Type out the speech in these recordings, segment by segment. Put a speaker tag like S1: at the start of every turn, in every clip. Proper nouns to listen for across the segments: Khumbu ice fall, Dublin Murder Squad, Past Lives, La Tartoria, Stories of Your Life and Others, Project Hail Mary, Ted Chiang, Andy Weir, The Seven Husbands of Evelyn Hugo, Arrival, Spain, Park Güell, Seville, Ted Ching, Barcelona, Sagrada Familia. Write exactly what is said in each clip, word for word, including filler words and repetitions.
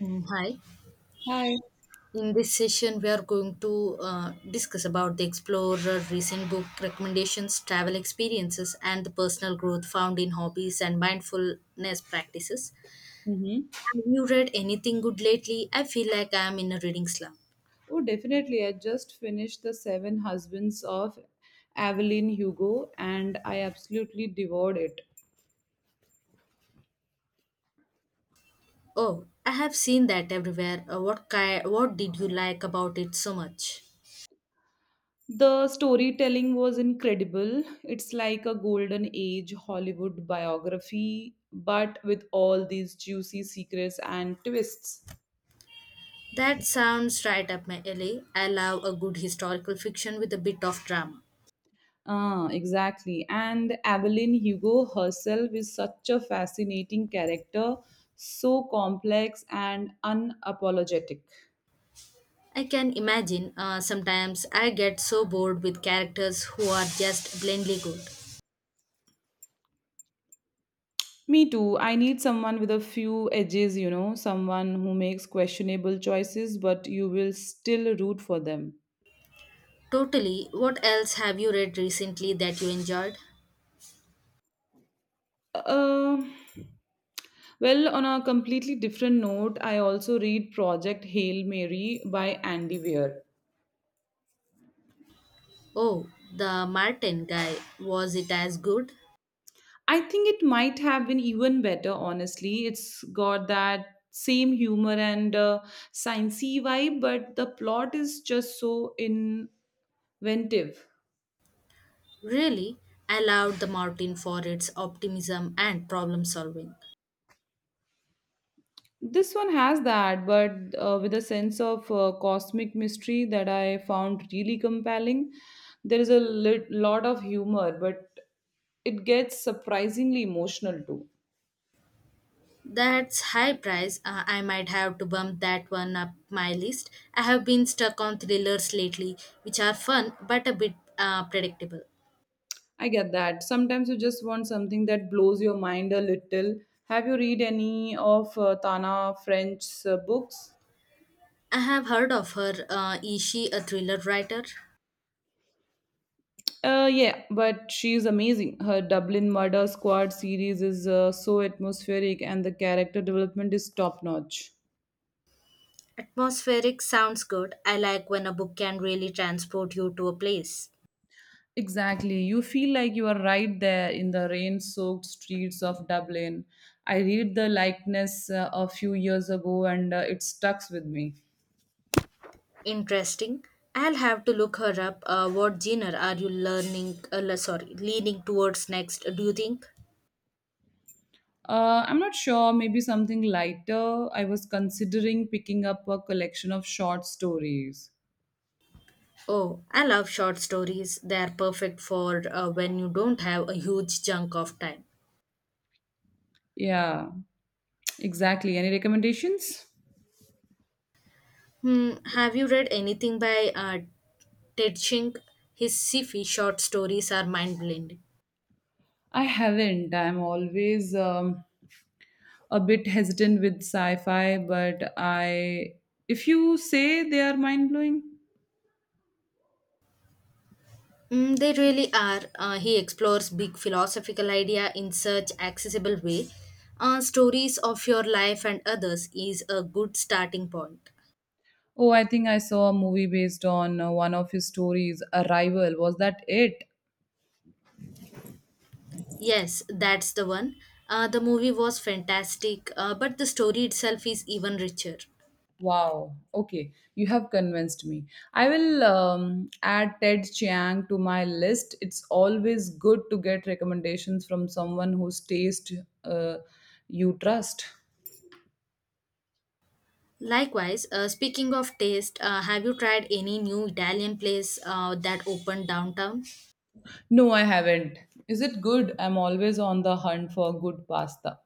S1: Mm, hi.
S2: Hi.
S1: In this session, we are going to uh, discuss about the Explorer recent book recommendations, travel experiences, and the personal growth found in hobbies and mindfulness practices.
S2: Mhm.
S1: Have you read anything good lately? I feel like I am in a reading slump.
S2: Oh, definitely. I just finished The Seven Husbands of Evelyn Hugo, and I absolutely devoured it.
S1: Oh, I have seen that everywhere. Uh, what ki- What did you like about it so much?
S2: The storytelling was incredible. It's like a golden age Hollywood biography, but with all these juicy secrets and twists.
S1: That sounds right up my alley. I love a good historical fiction with a bit of drama.
S2: Ah, exactly. And Evelyn Hugo herself is such a fascinating character, so complex and unapologetic.
S1: I can imagine, uh, sometimes I get so bored with characters who are just blindly good.
S2: Me too. I need someone with a few edges, you know, someone who makes questionable choices, but you will still root for them.
S1: Totally. What else have you read recently that you enjoyed?
S2: Uh, well, on a completely different note, I also read Project Hail Mary by Andy Weir.
S1: Oh, the Martin guy. Was it as good?
S2: I think it might have been even better, honestly. It's got that same humor and uh, sciencey vibe, but the plot is just so inventive.
S1: Really? I loved the Martin for its optimism and problem solving.
S2: This one has that, but uh, with a sense of uh, cosmic mystery that I found really compelling. There is a lit- lot of humor, but it gets surprisingly emotional too.
S1: That's high price. Uh, I might have to bump that one up my list. I have been stuck on thrillers lately, which are fun but a bit uh, predictable.
S2: I get that. Sometimes you just want something that blows your mind a little. Have you read any of uh, Tana French's uh, books?
S1: I have heard of her. Uh, is she a thriller writer?
S2: Uh, yeah, but she's amazing. Her Dublin Murder Squad series is uh, so atmospheric, and the character development is top notch.
S1: Atmospheric sounds good. I like when a book can really transport you to a place.
S2: Exactly. You feel like you are right there in the rain soaked streets of Dublin. I read the likeness uh, a few years ago, and uh, it stucks with me.
S1: Interesting. I'll have to look her up. Uh, what genre are you learning? Uh, le- sorry, leaning towards next? Do you think?
S2: Uh, I'm not sure, maybe something lighter. I was considering picking up a collection of short stories.
S1: Oh, I love short stories. They are perfect for uh, when you don't have a huge chunk of time.
S2: Yeah, exactly. Any recommendations?
S1: Hmm, have you read anything by uh, Ted Ching? His sci-fi short stories are mind-blending.
S2: I haven't. I'm always um, a bit hesitant with sci fi, but I. If you say they are mind blowing.
S1: Mm, they really are. Uh, he explores big philosophical idea in such accessible way. Uh, stories of your life and others is a good starting point.
S2: Oh, I think I saw a movie based on uh, one of his stories, Arrival. Was that it?
S1: Yes, that's the one. Uh, the movie was fantastic, uh, but the story itself is even richer.
S2: Wow. Okay, you have convinced me. I will um, add Ted Chiang to my list. It's always good to get recommendations from someone whose taste uh, you trust.
S1: Likewise, uh, speaking of taste, uh, have you tried any new Italian place uh, that opened downtown?
S2: No, I haven't. Is it good? I'm always on the hunt for good pasta.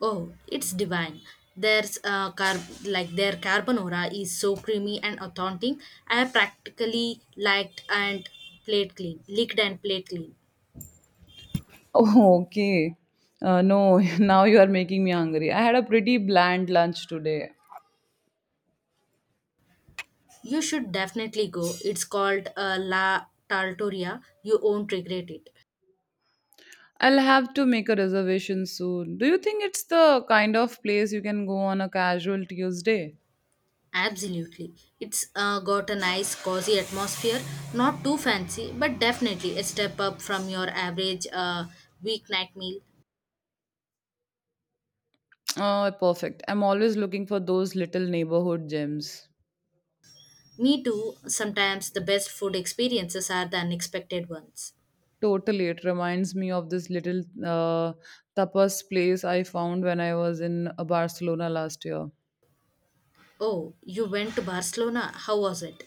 S1: Oh, it's divine. There's uh, car- like their carbonara is so creamy and authentic. I have practically liked and plate clean, licked and plate clean.
S2: Oh, okay. Uh, no, now you are making me hungry. I had a pretty bland lunch today.
S1: You should definitely go. It's called uh, La Tartoria. You won't regret it.
S2: I'll have to make a reservation soon. Do you think it's the kind of place you can go on a casual Tuesday?
S1: Absolutely. It's uh, got a nice cozy atmosphere. Not too fancy, but definitely a step up from your average uh, weeknight meal.
S2: Oh, perfect. I'm always looking for those little neighborhood gems.
S1: Me too. Sometimes the best food experiences are the unexpected ones.
S2: Totally. It reminds me of this little uh, tapas place I found when I was in uh, Barcelona last year.
S1: Oh, you went to Barcelona. How was it?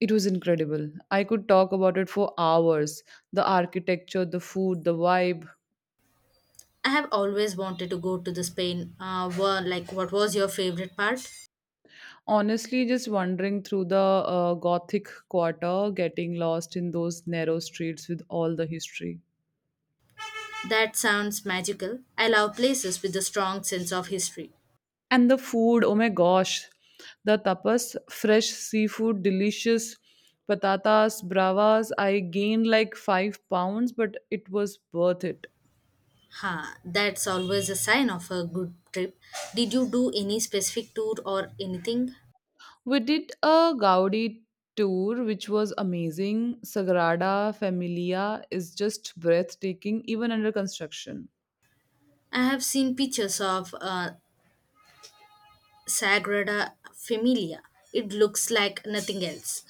S2: It was incredible. I could talk about it for hours. The architecture, the food, the vibe.
S1: I have always wanted to go to the Spain. Uh, wha- like, what was your favorite part?
S2: Honestly, just wandering through the uh, Gothic quarter, getting lost in those narrow streets with all the history.
S1: That sounds magical. I love places with a strong sense of history.
S2: And the food, oh my gosh, the tapas, fresh seafood, delicious patatas, bravas. I gained like five pounds, but it was worth it.
S1: Ha, that's always a sign of a good trip. Did you do any specific tour or anything?
S2: We did a Gaudi tour, which was amazing. Sagrada Familia is just breathtaking, even under construction.
S1: I have seen pictures of uh, Sagrada Familia. It looks like nothing else.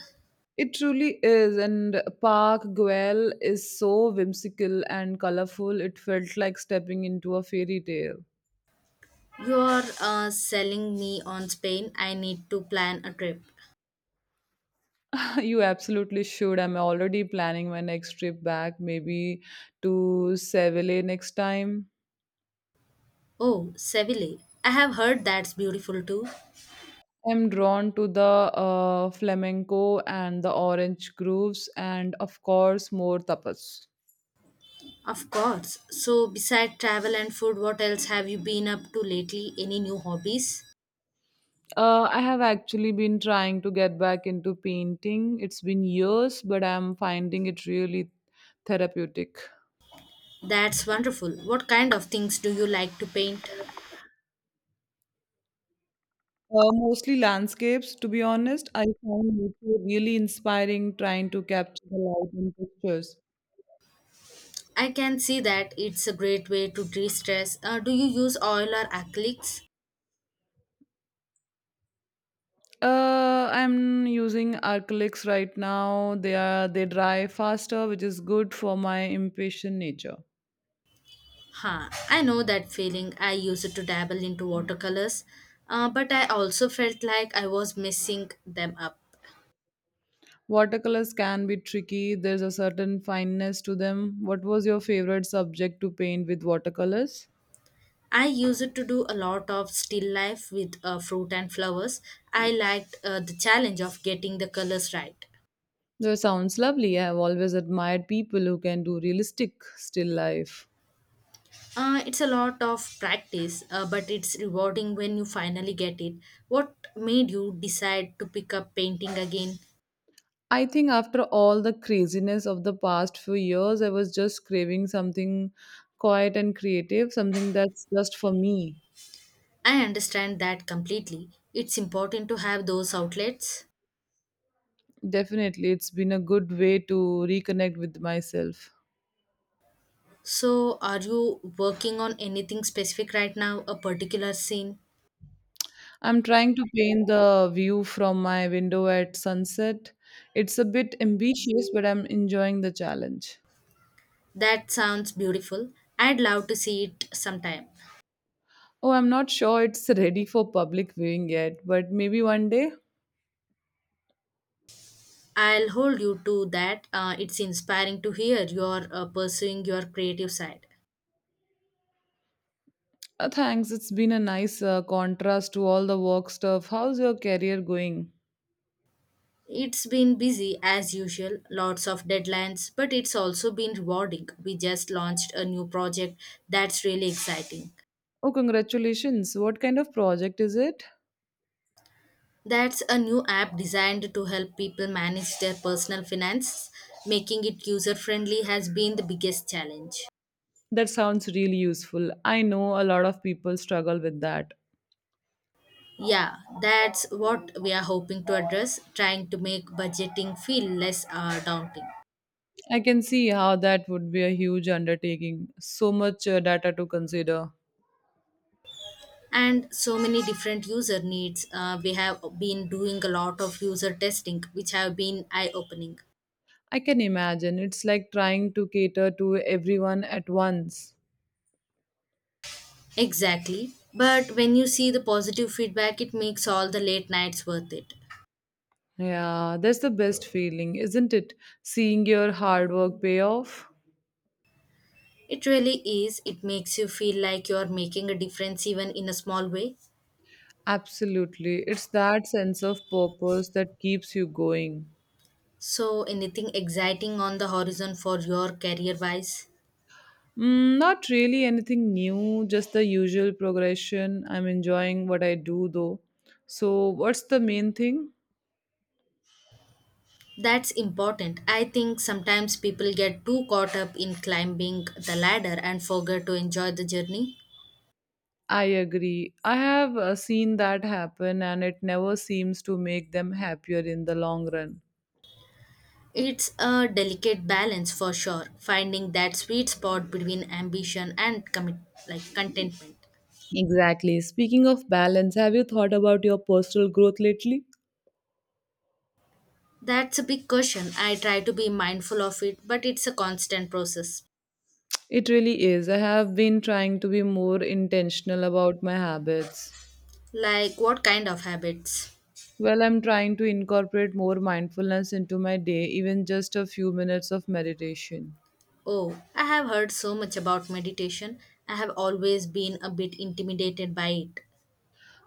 S2: It truly is, and Park Guel is so whimsical and colorful. It felt like stepping into a fairy tale.
S1: You are uh, selling me on Spain. I need to plan a trip.
S2: you absolutely should. I'm already planning my next trip back, maybe to Seville next time.
S1: Oh, Seville. I have heard that's beautiful too.
S2: I'm drawn to the uh, flamenco and the orange grooves, and of course, more tapas.
S1: Of course. So, beside travel and food, what else have you been up to lately? Any new hobbies?
S2: Uh, I have actually been trying to get back into painting. It's been years, but I'm finding it really therapeutic.
S1: That's wonderful. What kind of things do you like to paint?
S2: Uh, mostly landscapes, to be honest. I find nature really inspiring trying to capture the light in pictures.
S1: I can see that it's a great way to de stress. Uh, do you use oil or acrylics?
S2: Uh, I'm using acrylics right now. They are they dry faster, which is good for my impatient nature.
S1: Huh, I know that feeling. I used to dabble into watercolors, uh, but I also felt like I was messing them up.
S2: Watercolors can be tricky. There's a certain fineness to them. What was your favorite subject to paint with watercolors?
S1: I used to do a lot of still life with uh, fruit and flowers. I liked uh, the challenge of getting the colors right.
S2: That sounds lovely. I have always admired people who can do realistic still life.
S1: Uh, it's a lot of practice, uh, but it's rewarding when you finally get it. What made you decide to pick up painting again?
S2: I think after all the craziness of the past few years, I was just craving something quiet and creative, something that's just for me.
S1: I understand that completely. It's important to have those outlets.
S2: Definitely, it's been a good way to reconnect with myself.
S1: So, are you working on anything specific right now, a particular scene?
S2: I'm trying to paint the view from my window at sunset. It's a bit ambitious, but I'm enjoying the challenge.
S1: That sounds beautiful. I'd love to see it sometime.
S2: Oh, I'm not sure it's ready for public viewing yet, but maybe one day.
S1: I'll hold you to that. Uh, it's inspiring to hear you're uh, pursuing your creative side.
S2: Uh, thanks, it's been a nice uh, contrast to all the work stuff. How's your career going?
S1: It's been busy as usual, lots of deadlines, but it's also been rewarding. We just launched a new project that's really exciting.
S2: Oh, congratulations. What kind of project is it?
S1: That's a new app designed to help people manage their personal finance. Making it user friendly has been the biggest challenge.
S2: That sounds really useful. I know a lot of people struggle with that.
S1: Yeah, that's what we are hoping to address, trying to make budgeting feel less uh, daunting.
S2: I can see how that would be a huge undertaking. So much uh, data to consider.
S1: And so many different user needs, uh, we have been doing a lot of user testing which have been eye opening.
S2: I can imagine. It's like trying to cater to everyone at once.
S1: Exactly, but when you see the positive feedback, it makes all the late nights worth it.
S2: Yeah, that's the best feeling, isn't it? Seeing your hard work pay off.
S1: It really is. It makes you feel like you're making a difference even in a small way.
S2: Absolutely. It's that sense of purpose that keeps you going.
S1: So anything exciting on the horizon for your career wise?
S2: Mm, not really anything new, just the usual progression. I'm enjoying what I do though. So, what's the main thing?
S1: That's important. I think sometimes people get too caught up in climbing the ladder and forget to enjoy the journey.
S2: I agree. I have uh, seen that happen, and it never seems to make them happier in the long run.
S1: It's a delicate balance for sure, finding that sweet spot between ambition and commit like contentment.
S2: Exactly. Speaking of balance, have you thought about your personal growth lately?
S1: That's a big question. I try to be mindful of it, but it's a constant process.
S2: It really is. I have been trying to be more intentional about my habits.
S1: Like what kind of habits?
S2: Well, I'm trying to incorporate more mindfulness into my day, even just a few minutes of meditation.
S1: Oh, I have heard so much about meditation. I have always been a bit intimidated by it.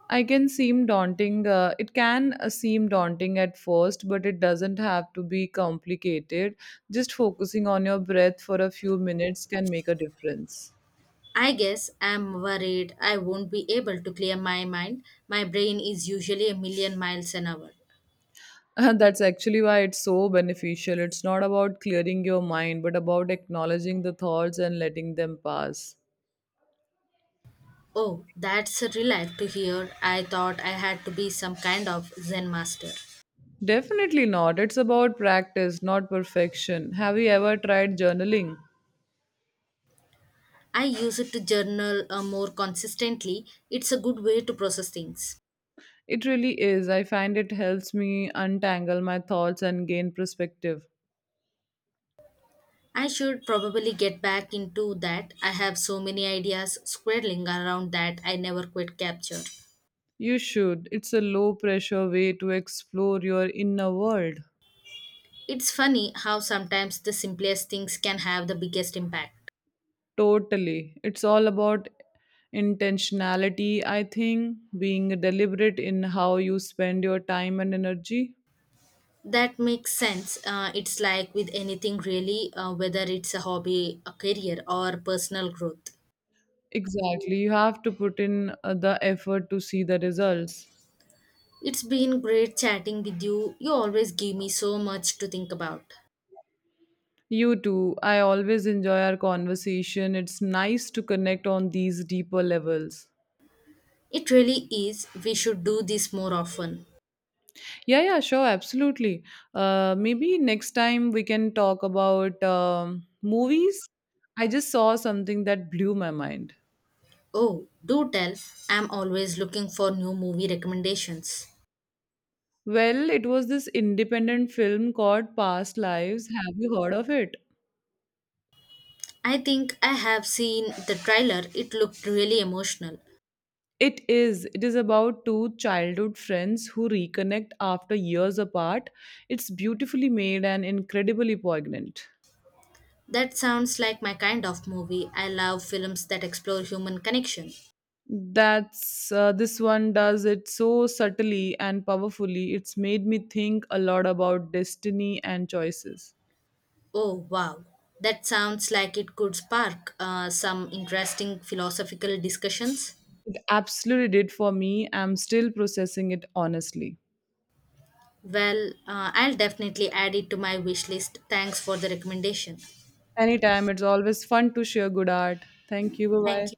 S2: I can seem daunting. Uh, it can uh, seem daunting at first, but it doesn't have to be complicated. Just focusing on your breath for a few minutes can make a difference.
S1: I guess I'm worried I won't be able to clear my mind. My brain is usually a million miles an hour.
S2: Uh, that's actually why it's so beneficial. It's not about clearing your mind, but about acknowledging the thoughts and letting them pass.
S1: Oh, that's a relief to hear. I thought I had to be some kind of Zen master.
S2: Definitely not. It's about practice, not perfection. Have you ever tried journaling?
S1: I use it to journal uh, more consistently. It's a good way to process things.
S2: It really is. I find it helps me untangle my thoughts and gain perspective.
S1: I should probably get back into that. I have so many ideas squirreling around that I never quite capture.
S2: You should. It's a low pressure way to explore your inner world.
S1: It's funny how sometimes the simplest things can have the biggest impact.
S2: Totally. It's all about intentionality, I think, being deliberate in how you spend your time and energy.
S1: That makes sense. Uh, it's like with anything really, uh, whether it's a hobby, a career, or personal growth.
S2: Exactly. You have to put in uh, the effort to see the results.
S1: It's been great chatting with you. You always give me so much to think about.
S2: You too. I always enjoy our conversation. It's nice to connect on these deeper levels.
S1: It really is. We should do this more often.
S2: Yeah, yeah, sure, absolutely. Uh, maybe next time we can talk about um, movies. I just saw something that blew my mind.
S1: Oh, do tell. I'm always looking for new movie recommendations.
S2: Well, it was this independent film called Past Lives. Have you heard of it?
S1: I think I have seen the trailer. It looked really emotional.
S2: It is. It is about two childhood friends who reconnect after years apart. It's beautifully made and incredibly poignant.
S1: That sounds like my kind of movie. I love films that explore human connection.
S2: That's uh, this one does it so subtly and powerfully. It's made me think a lot about destiny and choices.
S1: Oh, wow. That sounds like it could spark uh, some interesting philosophical discussions.
S2: It absolutely did for me. I'm still processing it, honestly.
S1: Well, uh, I'll definitely add it to my wish list. Thanks for the recommendation.
S2: Anytime, it's always fun to share good art. Thank you. Bye
S1: Thank
S2: bye.
S1: you.